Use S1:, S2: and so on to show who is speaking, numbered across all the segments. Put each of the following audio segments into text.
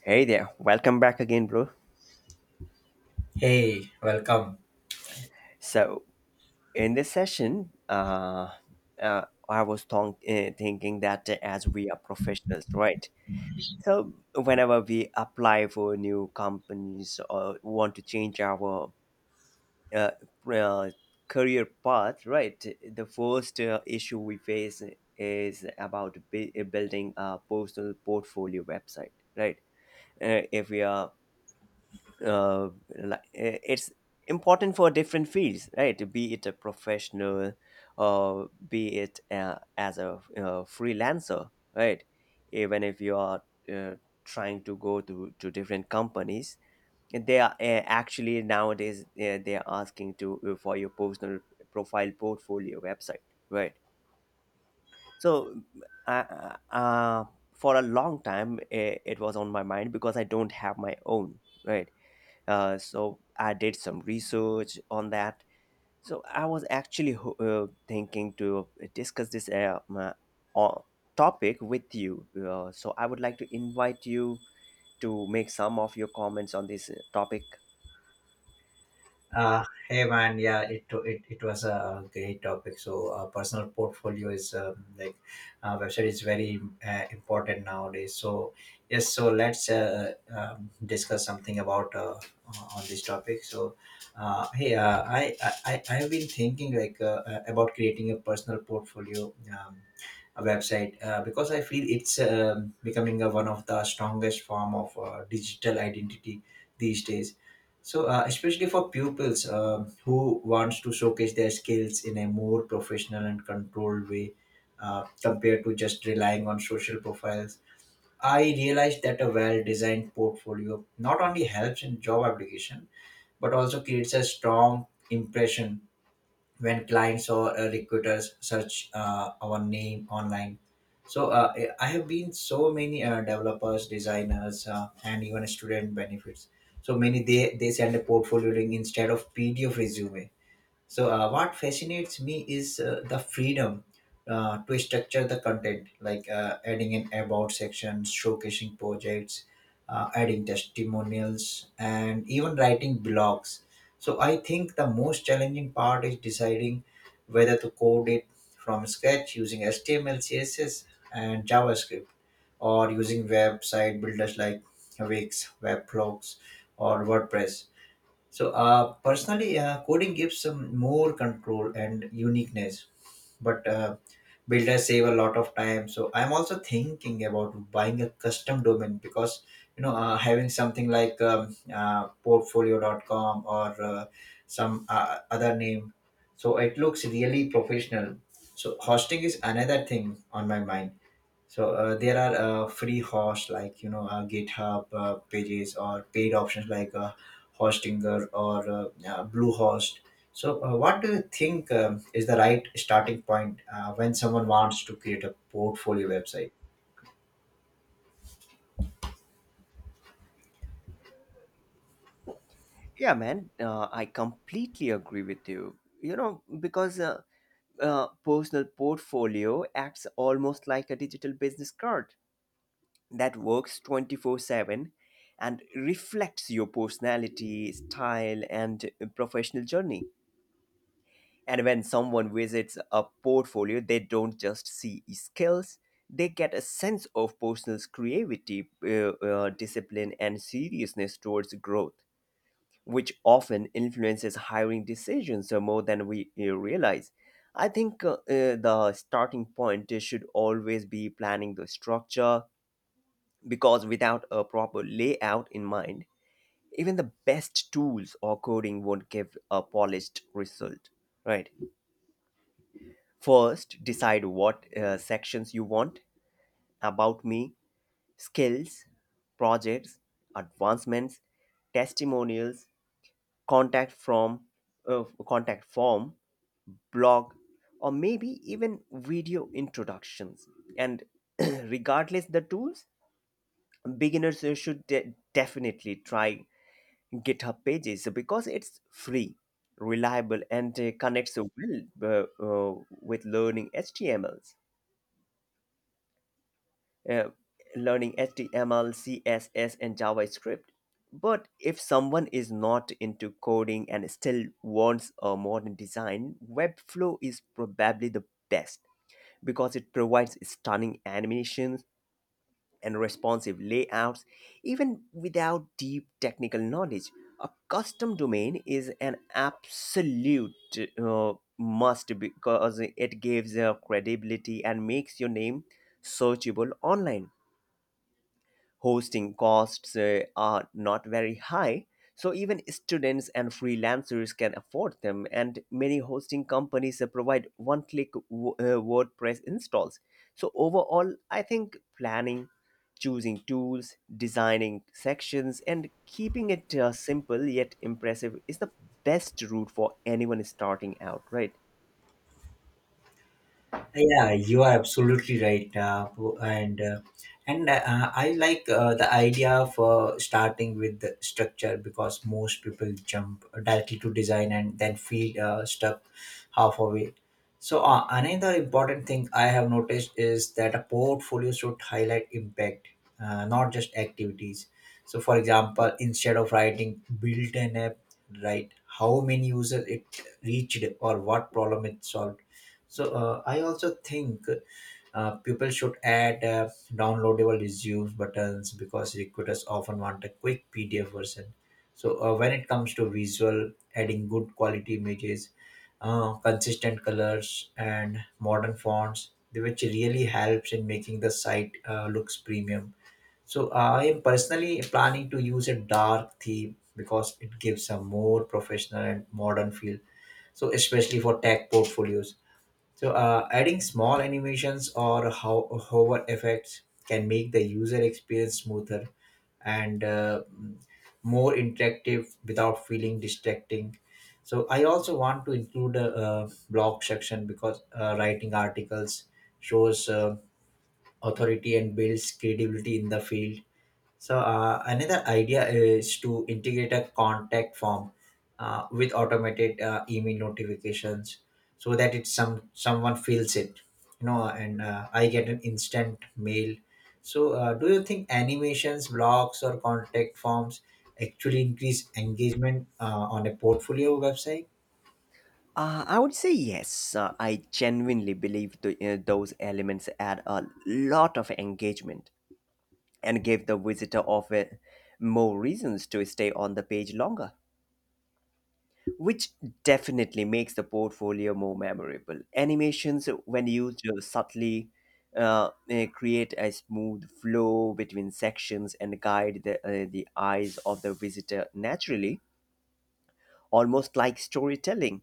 S1: Hey there, welcome back again, bro.
S2: Hey, welcome.
S1: So, in this session, I was thinking that as we are professionals, right? So, whenever we apply for new companies or want to change our uh, uh, career path, right? The first issue we face is about building a personal portfolio website, right? If we are uh, it's important for different fields, right? Be it a professional or be it as a freelancer, right? Even if you are uh, trying to go to different companies, they are actually nowadays they are asking to for your personal profile portfolio website, right? So uh, uh, uh, for a long time it was on my mind because I don't have my own, right? So I did some research on that. So I was actually thinking to discuss this o- topic with you. So I would like to invite you to make some of your comments on this topic.
S2: Hey man. It was a great topic. So personal portfolio is like website is very important nowadays. So yes, so let's discuss something about on this topic. So hey, I have been thinking like about creating a personal portfolio. A website because I feel it's becoming one of the strongest form of digital identity these days. So, especially for pupils who wants to showcase their skills in a more professional and controlled way, compared to just relying on social profiles, I realized that a well-designed portfolio not only helps in job application but also creates a strong impression when clients or recruiters search our name online. So I have been so many developers designers and even student benefits, so many they send a portfolio link instead of PDF resume. So, what fascinates me is the freedom to structure the content, like adding an about section, showcasing projects, adding testimonials, and even writing blogs. So, I think the most challenging part is deciding whether to code it from scratch using HTML, CSS, and JavaScript, or using website builders like Wix, Webflow, or WordPress. So, personally, coding gives some more control and uniqueness, but builders save a lot of time. So, I'm also thinking about buying a custom domain because you know having something like portfolio.com or some other name. So it looks really professional. So hosting is another thing on my mind. So there are free hosts like you know GitHub pages or paid options like Hostinger or Bluehost. So what do you think is the right starting point when someone wants to create a portfolio website?
S1: Yeah, man, I completely agree with you. You know, because personal portfolio acts almost like a digital business card that works 24/7 and reflects your personality, style, and professional journey. And when someone visits a portfolio, they don't just see skills, they get a sense of personal creativity, discipline, and seriousness towards growth, which often influences hiring decisions more than we realize. I think the starting point should always be planning the structure, because without a proper layout in mind, even the best tools or coding won't give a polished result. Right. First, decide what sections you want: about me, skills, projects, advancements, testimonials, contact from contact form, blog, or maybe even video introductions. And regardless the tools, beginners should definitely try GitHub Pages because it's free, reliable, and connects well with learning HTMLs, uh, learning HTML, CSS, and JavaScript. But if someone is not into coding and still wants a modern design, Webflow is probably the best because it provides stunning animations and responsive layouts, even without deep technical knowledge. A custom domain is an absolute must because it gives credibility and makes your name searchable online. Hosting costs are not very high, so even students and freelancers can afford them, and many hosting companies provide one click WordPress installs. So, overall, I think planning, choosing tools, designing sections, and keeping it simple yet impressive is the best route for anyone starting out, right?
S2: Yeah, you are absolutely right, po- and I like the idea of starting with the structure because most people jump directly to design and then feel stuck halfway. So another important thing I have noticed is that a portfolio should highlight impact, not just activities. So, for example, instead of writing "built an app," write how many users it reached or what problem it solved. So I also think people should add downloadable resume buttons because recruiters often want a quick PDF version. So when it comes to visual, adding good quality images, consistent colors, and modern fonts, which really helps in making the site looks premium. So I am personally planning to use a dark theme because it gives a more professional and modern feel. So especially for tech portfolios. So, adding small animations or how hover effects can make the user experience smoother and more interactive without feeling distracting. So, I also want to include a, blog section because writing articles shows authority and builds credibility in the field. So another idea is to integrate a contact form with automated email notifications, so that it's some someone fills it, you know, and I get an instant mail. So do you think animations, blogs, or contact forms actually increase engagement on a portfolio website?
S1: I would say yes. I genuinely believe those elements add a lot of engagement, and gave the visitor of it more reasons to stay on the page longer, which definitely makes the portfolio more memorable. Animations, when used subtly, create a smooth flow between sections and guide the eyes of the visitor naturally, almost like storytelling.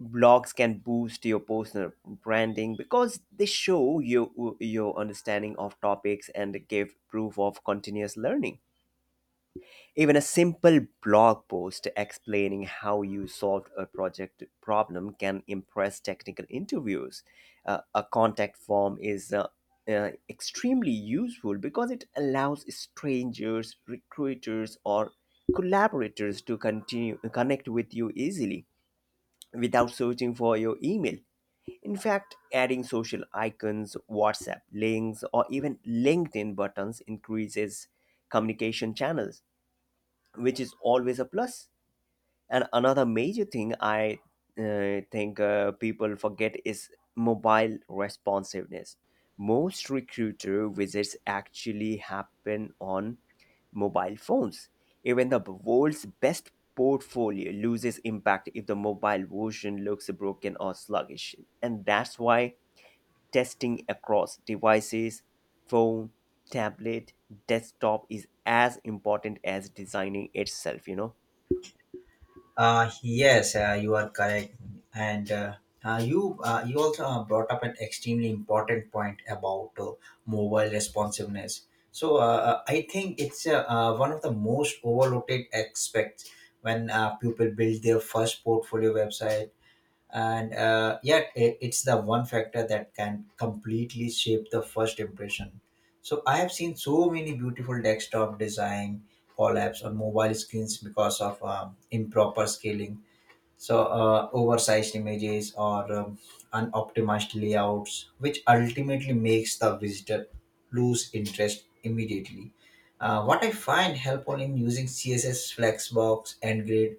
S1: Blogs can boost your personal branding because they show you your understanding of topics and give proof of continuous learning. Even a simple blog post explaining how you solved a project problem can impress technical interviews. A contact form is extremely useful because it allows strangers, recruiters, or collaborators to continue connect with you easily without searching for your email. In fact, adding social icons, WhatsApp links, or even LinkedIn buttons increases communication channels, which is always a plus. And another major thing I think people forget is mobile responsiveness. Most recruiter visits actually happen on mobile phones. Even the world's best portfolio loses impact if the mobile version looks broken or sluggish. And that's why testing across devices, phone, tablet, desktop, is as important as designing itself, you know.
S2: Yes, you are correct, and you you also brought up an extremely important point about mobile responsiveness. So I think it's one of the most overlooked aspects when people build their first portfolio website, and yet it, it's the one factor that can completely shape the first impression. So I have seen so many beautiful desktop design collapse on mobile screens because of improper scaling, so oversized images or unoptimized layouts which ultimately makes the visitor lose interest immediately. What I find helpful in using CSS flexbox and grid,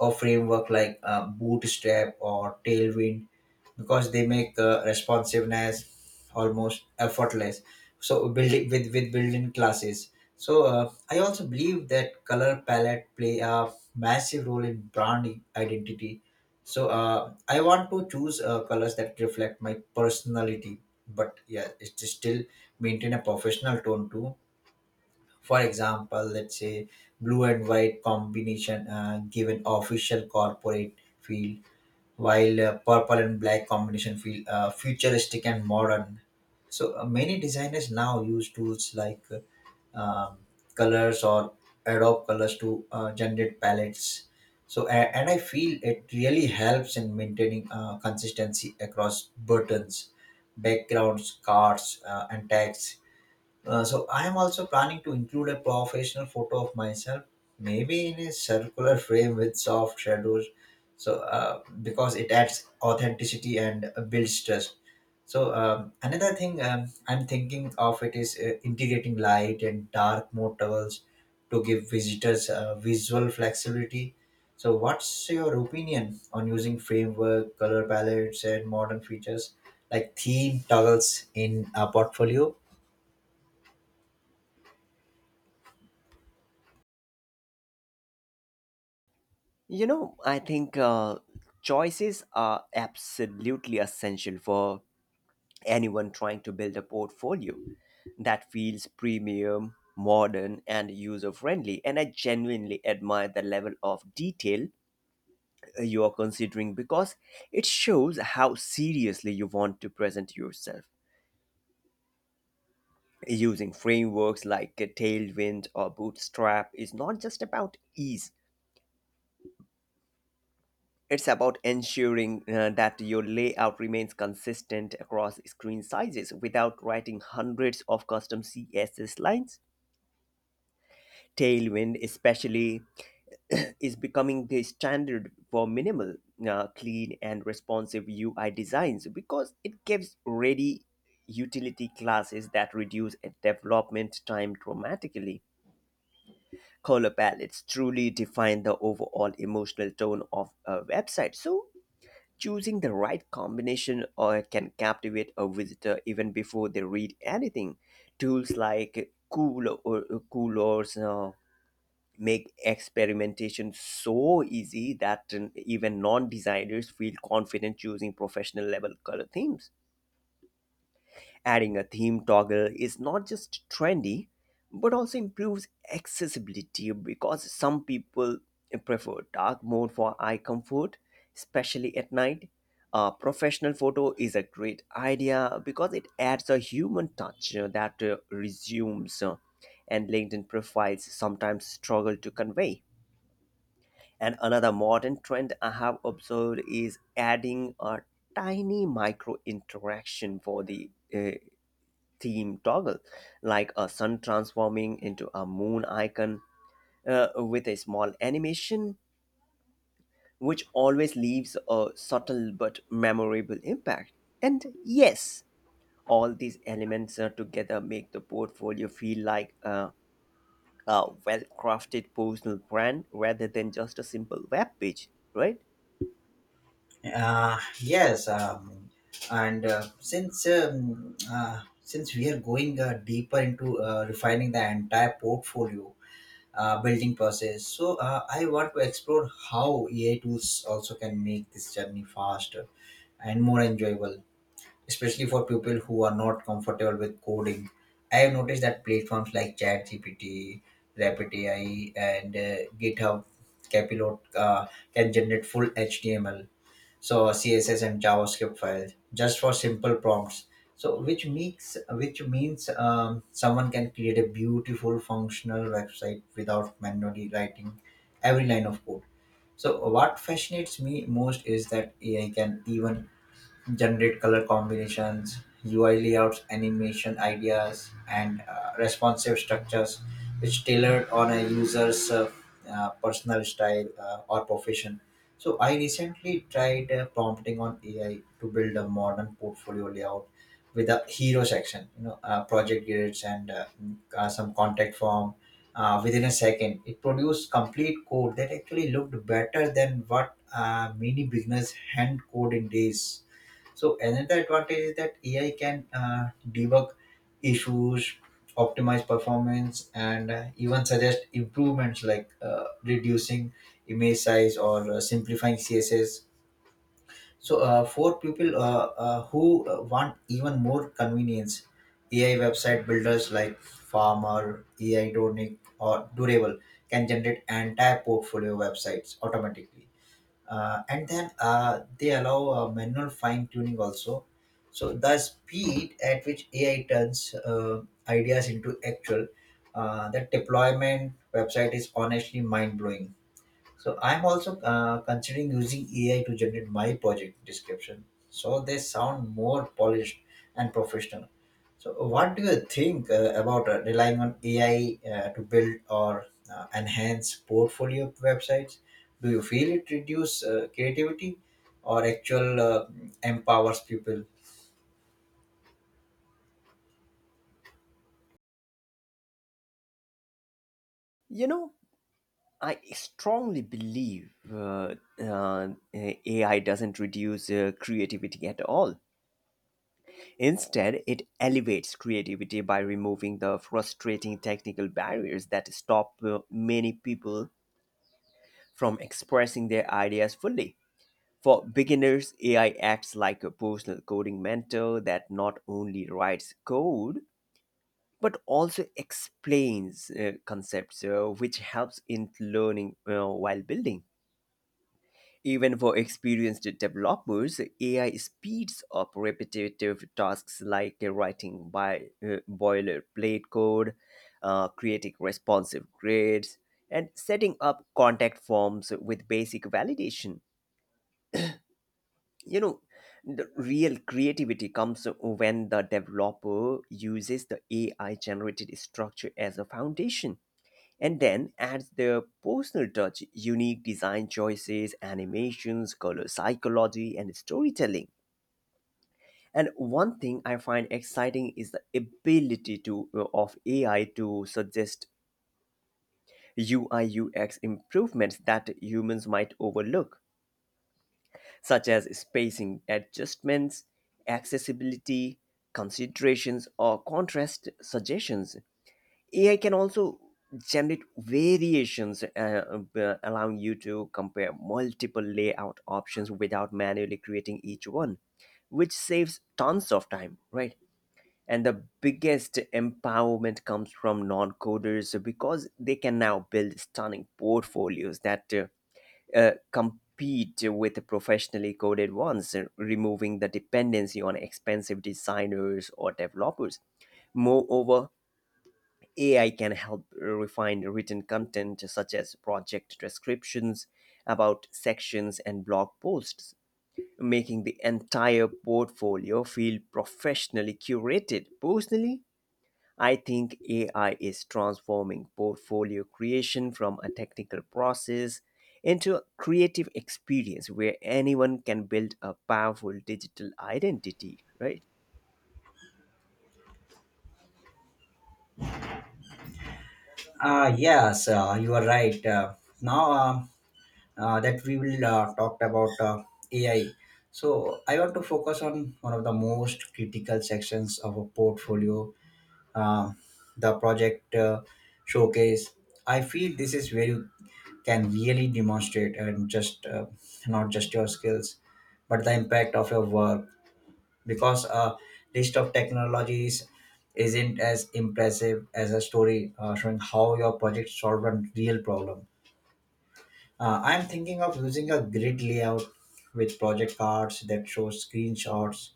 S2: a framework like Bootstrap or Tailwind, because they make responsiveness almost effortless. So building with built-in classes. So I also believe that color palette play a massive role in brand identity. So I want to choose colors that reflect my personality, but yeah, it's still maintain a professional tone too. For example, let's say blue and white combination give an official corporate feel, while purple and black combination feel futuristic and modern. So many designers now use tools like colors or adobe colors to generate palettes. So and I feel it really helps in maintaining consistency across buttons, backgrounds, cards, and tags. So I am also planning to include a professional photo of myself, maybe in a circular frame with soft shadows. So because it adds authenticity and builds trust. So another thing I'm thinking of it is integrating light and dark mode towels to give visitors visual flexibility. So what's your opinion on using framework, color palettes, and modern features like theme toggles in a portfolio?
S1: You know, I think choices are absolutely essential for anyone trying to build a portfolio that feels premium, modern, and user friendly. And I genuinely admire the level of detail you are considering because it shows how seriously you want to present yourself. Using frameworks like Tailwind or Bootstrap is not just about ease. It's about ensuring that your layout remains consistent across screen sizes without writing hundreds of custom CSS lines. Tailwind, especially, is becoming the standard for minimal, clean, and responsive UI designs because it gives ready utility classes that reduce development time dramatically. Color palettes truly define the overall emotional tone of a website. So, choosing the right combination or can captivate a visitor even before they read anything. Tools like cool or coolers make experimentation so easy that even non-designers feel confident choosing professional level color themes. Adding a theme toggle is not just trendy, but also improves accessibility because some people prefer dark mode for eye comfort, especially at night. A professional photo is a great idea because it adds a human touch that resumes and LinkedIn profiles sometimes struggle to convey. And another modern trend I have observed is adding a tiny micro interaction for the theme toggle, like a sun transforming into a moon icon with a small animation, which always leaves a subtle but memorable impact. And yes, all these elements together make the portfolio feel like a well crafted personal brand rather than just a simple web page, right?
S2: Yes, and since since we are going deeper into refining the entire portfolio building process, so I want to explore how AI tools also can make this journey faster and more enjoyable, especially for people who are not comfortable with coding. I have noticed that platforms like ChatGPT, Rapid AI, and GitHub Capilot can generate full HTML, so a CSS and JavaScript file just for simple prompts. So which makes which means someone can create a beautiful functional website without manually writing every line of code. So what fascinates me most is that AI can even generate color combinations, UI layouts, animation ideas, and responsive structures, which tailored on a user's personal style or profession. So I recently tried prompting on AI to build a modern portfolio layout with a hero section, you know, project grids and some contact form. Within a second, it produced complete code that actually looked better than what many beginners hand code in days. So another advantage is that AI can debug issues, optimize performance, and even suggest improvements like reducing image size or simplifying CSS. So for people who want even more convenience, AI website builders like Farmer, AI Donic, or Durable can generate entire portfolio websites automatically, and then they allow manual fine tuning also. So the speed at which AI turns ideas into actual that deployment website is honestly mind blowing. So I'm also considering using AI to generate my project description so they sound more polished and professional. So what do you think about relying on AI to build or enhance portfolio websites? Do you feel it reduce creativity or actual empowers people?
S1: You know, I strongly believe AI doesn't reduce creativity at all. Instead, it elevates creativity by removing the frustrating technical barriers that stop many people from expressing their ideas fully. For beginners, AI acts like a personal coding mentor that not only writes code but also explains concepts, which helps in learning while building. Even for experienced developers, AI speeds up repetitive tasks like writing boilerplate code, creating responsive grids, and setting up contact forms with basic validation. You know, the real creativity comes when the developer uses the AI generated structure as a foundation and then adds their personal touch, unique design choices, animations, color psychology, and storytelling. And one thing I find exciting is the ability to of AI to suggest UI UX improvements that humans might overlook, such as spacing adjustments, accessibility considerations, or contrast suggestions. AI can also generate variations, allowing you to compare multiple layout options without manually creating each one, which saves tons of time, right? And the biggest empowerment comes from non coders because they can now build stunning portfolios that compete with professionally coded ones, removing the dependency on expensive designers or developers. Moreover, AI can help refine written content such as project descriptions, about sections, and blog posts, making the entire portfolio feel professionally curated. Personally, I think AI is transforming portfolio creation from a technical process into a creative experience where anyone can build a powerful digital identity, right?
S2: Ah, yes, you are right. Now, that we will talk about AI. So I want to focus on one of the most critical sections of a portfolio, uh, the project showcase. I feel this is where you can really demonstrate and just not just your skills, but the impact of your work. Because a list of technologies isn't as impressive as a story showing how your project solved a real problem. I'm thinking of using a grid layout with project cards that show screenshots,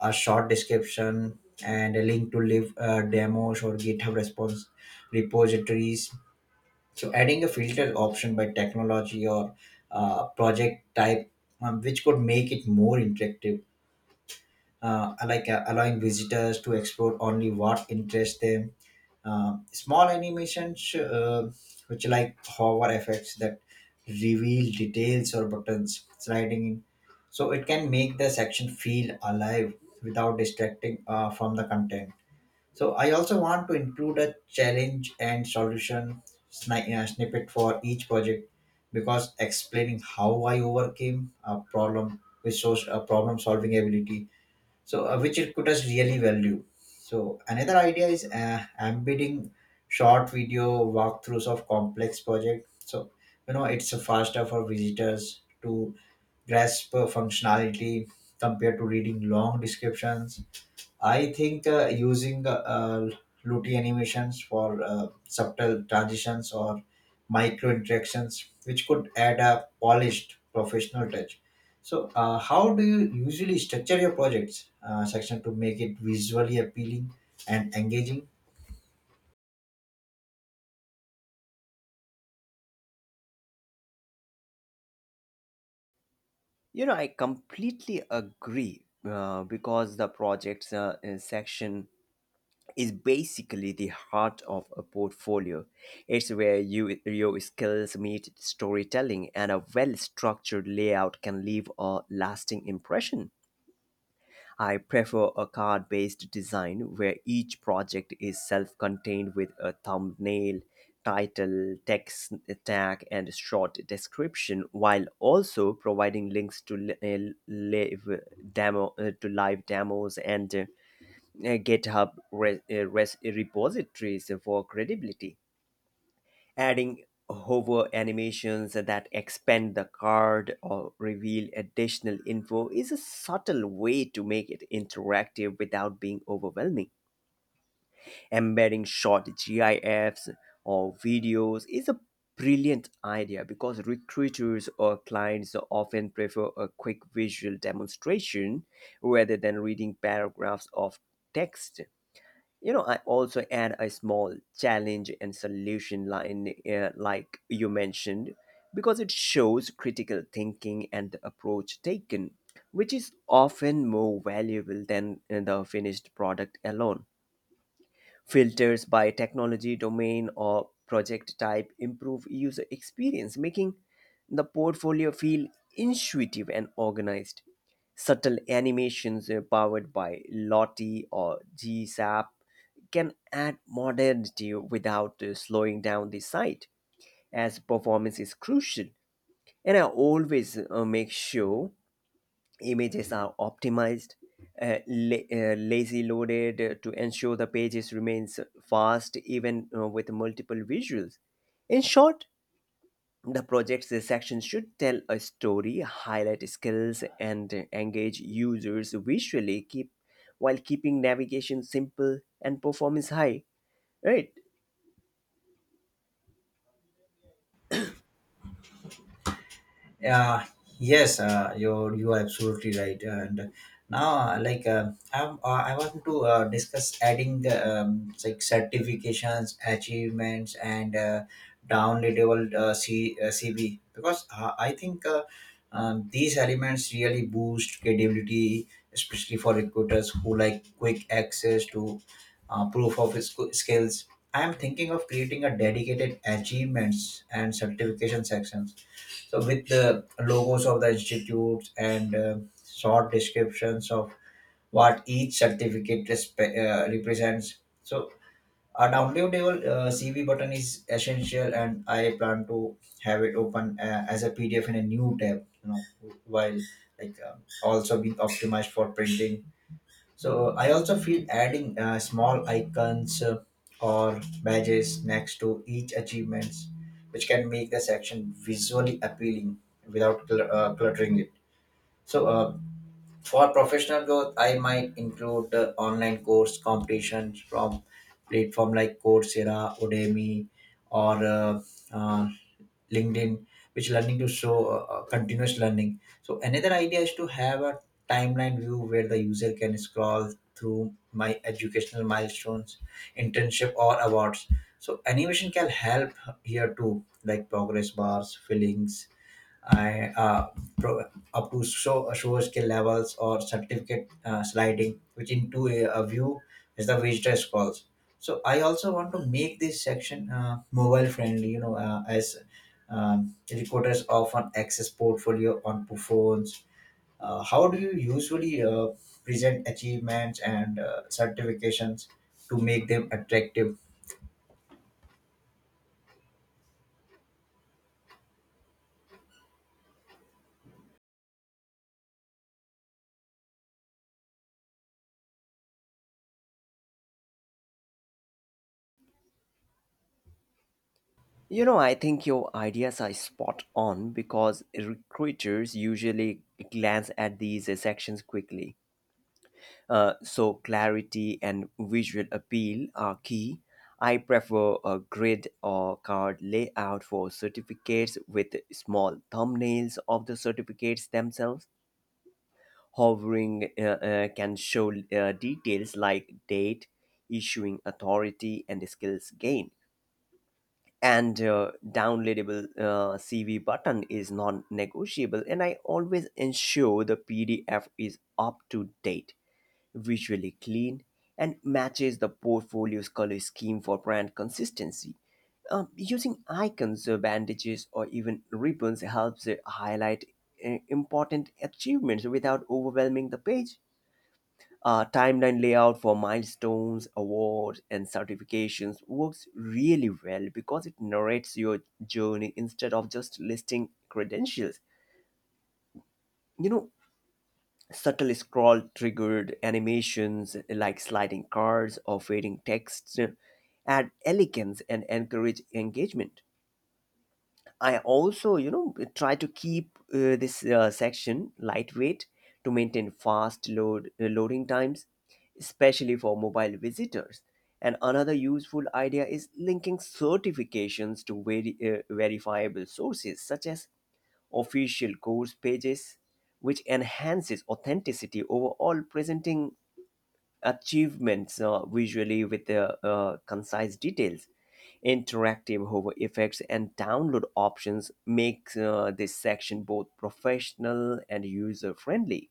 S2: a short description, and a link to live demos or GitHub response repositories. So adding a filter option by technology or project type, which could make it more interactive, like allowing visitors to explore only what interests them. Small animations, which like hover effects that reveal details or buttons sliding in, so it can make the section feel alive without distracting from the content. So I also want to include a challenge and solution snippet for each project, because explaining how I overcame a problem with shows a problem solving ability. So which it could us really value. So another idea is embedding short video walkthroughs of complex project, so you know it's faster for visitors to grasp functionality compared to reading long descriptions. I think using Luti animations for subtle transitions or micro interactions, which could add a polished professional touch. So, how do you usually structure your projects section to make it visually appealing and engaging?
S1: You know, I completely agree because the projects section is basically the heart of a portfolio. It's where your skills meet storytelling, and a well-structured layout can leave a lasting impression. I prefer a card based design where each project is self contained with a thumbnail, title, text tag, and short description, while also providing links to to live demos and GitHub repositories for credibility. Adding hover animations that expand the card or reveal additional info is a subtle way to make it interactive without being overwhelming. Embedding short GIFs or videos is a brilliant idea because recruiters or clients often prefer a quick visual demonstration rather than reading paragraphs of text. You know, I also add a small challenge and solution line like you mentioned, because it shows critical thinking and the approach taken, which is often more valuable than the finished product alone. Filters by technology domain or project type improve user experience, making the portfolio feel intuitive and organized. Subtle animations powered by Lottie or GSAP can add modernity without slowing down the site, as performance is crucial. And I always make sure images are optimized, lazy loaded, to ensure the pages remains fast even with multiple visuals. In short, the project's section should tell a story, highlight skills, and engage users visually, keep while keeping navigation simple and performance high, right?
S2: Yeah, yes, you are absolutely right. And now, I want to discuss adding like certifications, achievements, and downloadable CV because I think these elements really boost credibility, especially for recruiters who like quick access to proof of skills. I am thinking of creating a dedicated achievements and certification section, so with the logos of the institutes and short descriptions of what each certificate represents. So a downloadable CV button is essential, and I plan to have it open as a PDF in a new tab. You know, while like also being optimized for printing. So I also feel adding small icons or badges next to each achievements, which can make the section visually appealing without cluttering it. So for professional growth, I might include online course competitions from platform like Coursera, Udemy, or uh, LinkedIn, which learning to show continuous learning. So another idea is to have a timeline view where the user can scroll through my educational milestones, internship or awards. So animation can help here too, like progress bars fillings. I uh, pro- Up to show skill levels or certificate sliding, which into a view is the visitor calls. So I also want to make this section mobile friendly. You know, as recruiters often access portfolio on phones. How do you usually present achievements and certifications to make them attractive?
S1: You know, I think your ideas are spot on because recruiters usually glance at these sections quickly. So clarity and visual appeal are key. I prefer a grid or card layout for certificates with small thumbnails of the certificates themselves. Hovering can show details like date, issuing authority, and skills gained. And downloadable CV button is non-negotiable. And I always ensure the PDF is up to date, visually clean, and matches the portfolio's color scheme for brand consistency. Using icons, bandages, or even ribbons helps highlight important achievements without overwhelming the page. Timeline layout for milestones, awards, and certifications works really well because it narrates your journey instead of just listing credentials. You know, subtle scroll triggered animations like sliding cards or fading text add elegance and encourage engagement. I also, you know, try to keep this section lightweight to maintain fast loading times, especially for mobile visitors. And another useful idea is linking certifications to verifiable sources such as official course pages, which enhances authenticity. Over all, presenting achievements visually with the concise details, interactive hover effects, and download options make this section both professional and user friendly.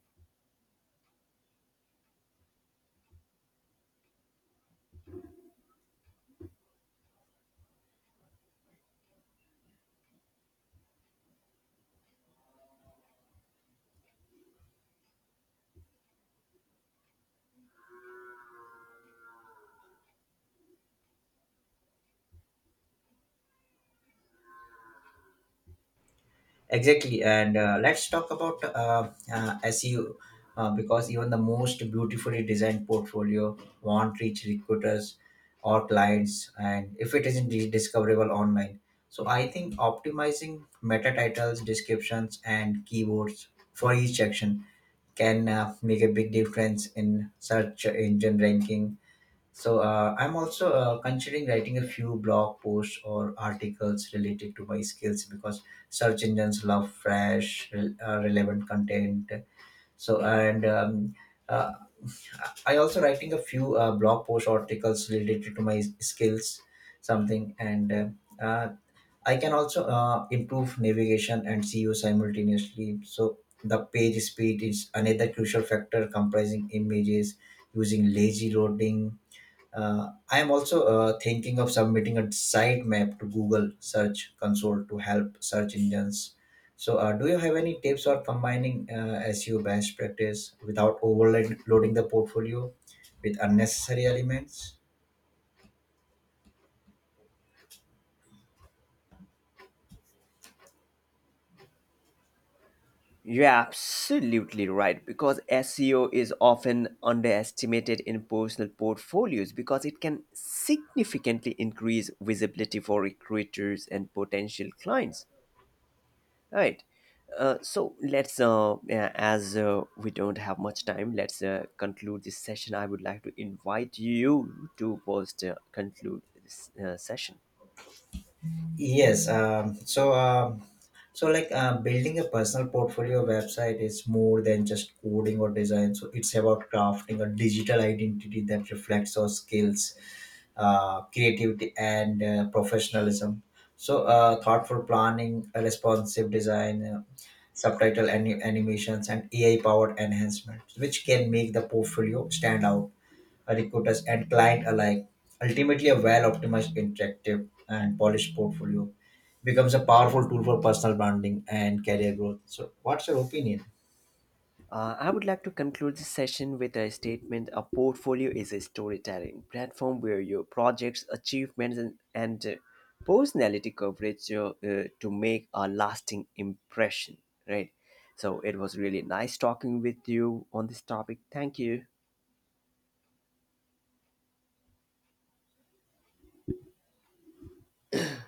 S2: Exactly, and let's talk about SEO because even the most beautifully designed portfolio won't reach recruiters or clients, and if it isn't discoverable online. So I think optimizing meta titles, descriptions, and keywords for each section can make a big difference in search engine ranking. So I'm also considering writing a few blog posts or articles related to my skills because search engines love fresh, relevant content. So and uh, I also writing a few blog posts or articles related to my skills, something, and uh, uh, I can also improve navigation and SEO simultaneously. So the page speed is another crucial factor, comprising images using lazy loading. I am also thinking of submitting a sitemap to Google Search Console to help search engines. So, do you have any tips for combining SEO best practice without overloading the portfolio with unnecessary elements?
S1: You're absolutely right because SEO is often underestimated in personal portfolios because it can significantly increase visibility for recruiters and potential clients. Right. So let's, yeah, as we don't have much time, let's conclude this session. I would like to invite you to post conclude this session.
S2: Yes. Like building a personal portfolio website is more than just coding or design. So, it's about crafting a digital identity that reflects our skills, creativity, and professionalism. So, thoughtful planning, a responsive design, subtitle animations, and AI powered enhancements, which can make the portfolio stand out recruiters and client alike. Ultimately, a well optimized, interactive, and polished portfolio becomes a powerful tool for personal branding and career growth. So, what's your opinion?
S1: I would like to conclude this session with a statement. A portfolio is a storytelling platform where your projects, achievements, and personality coverage to make a lasting impression. Right. So it was really nice talking with you on this topic. Thank you.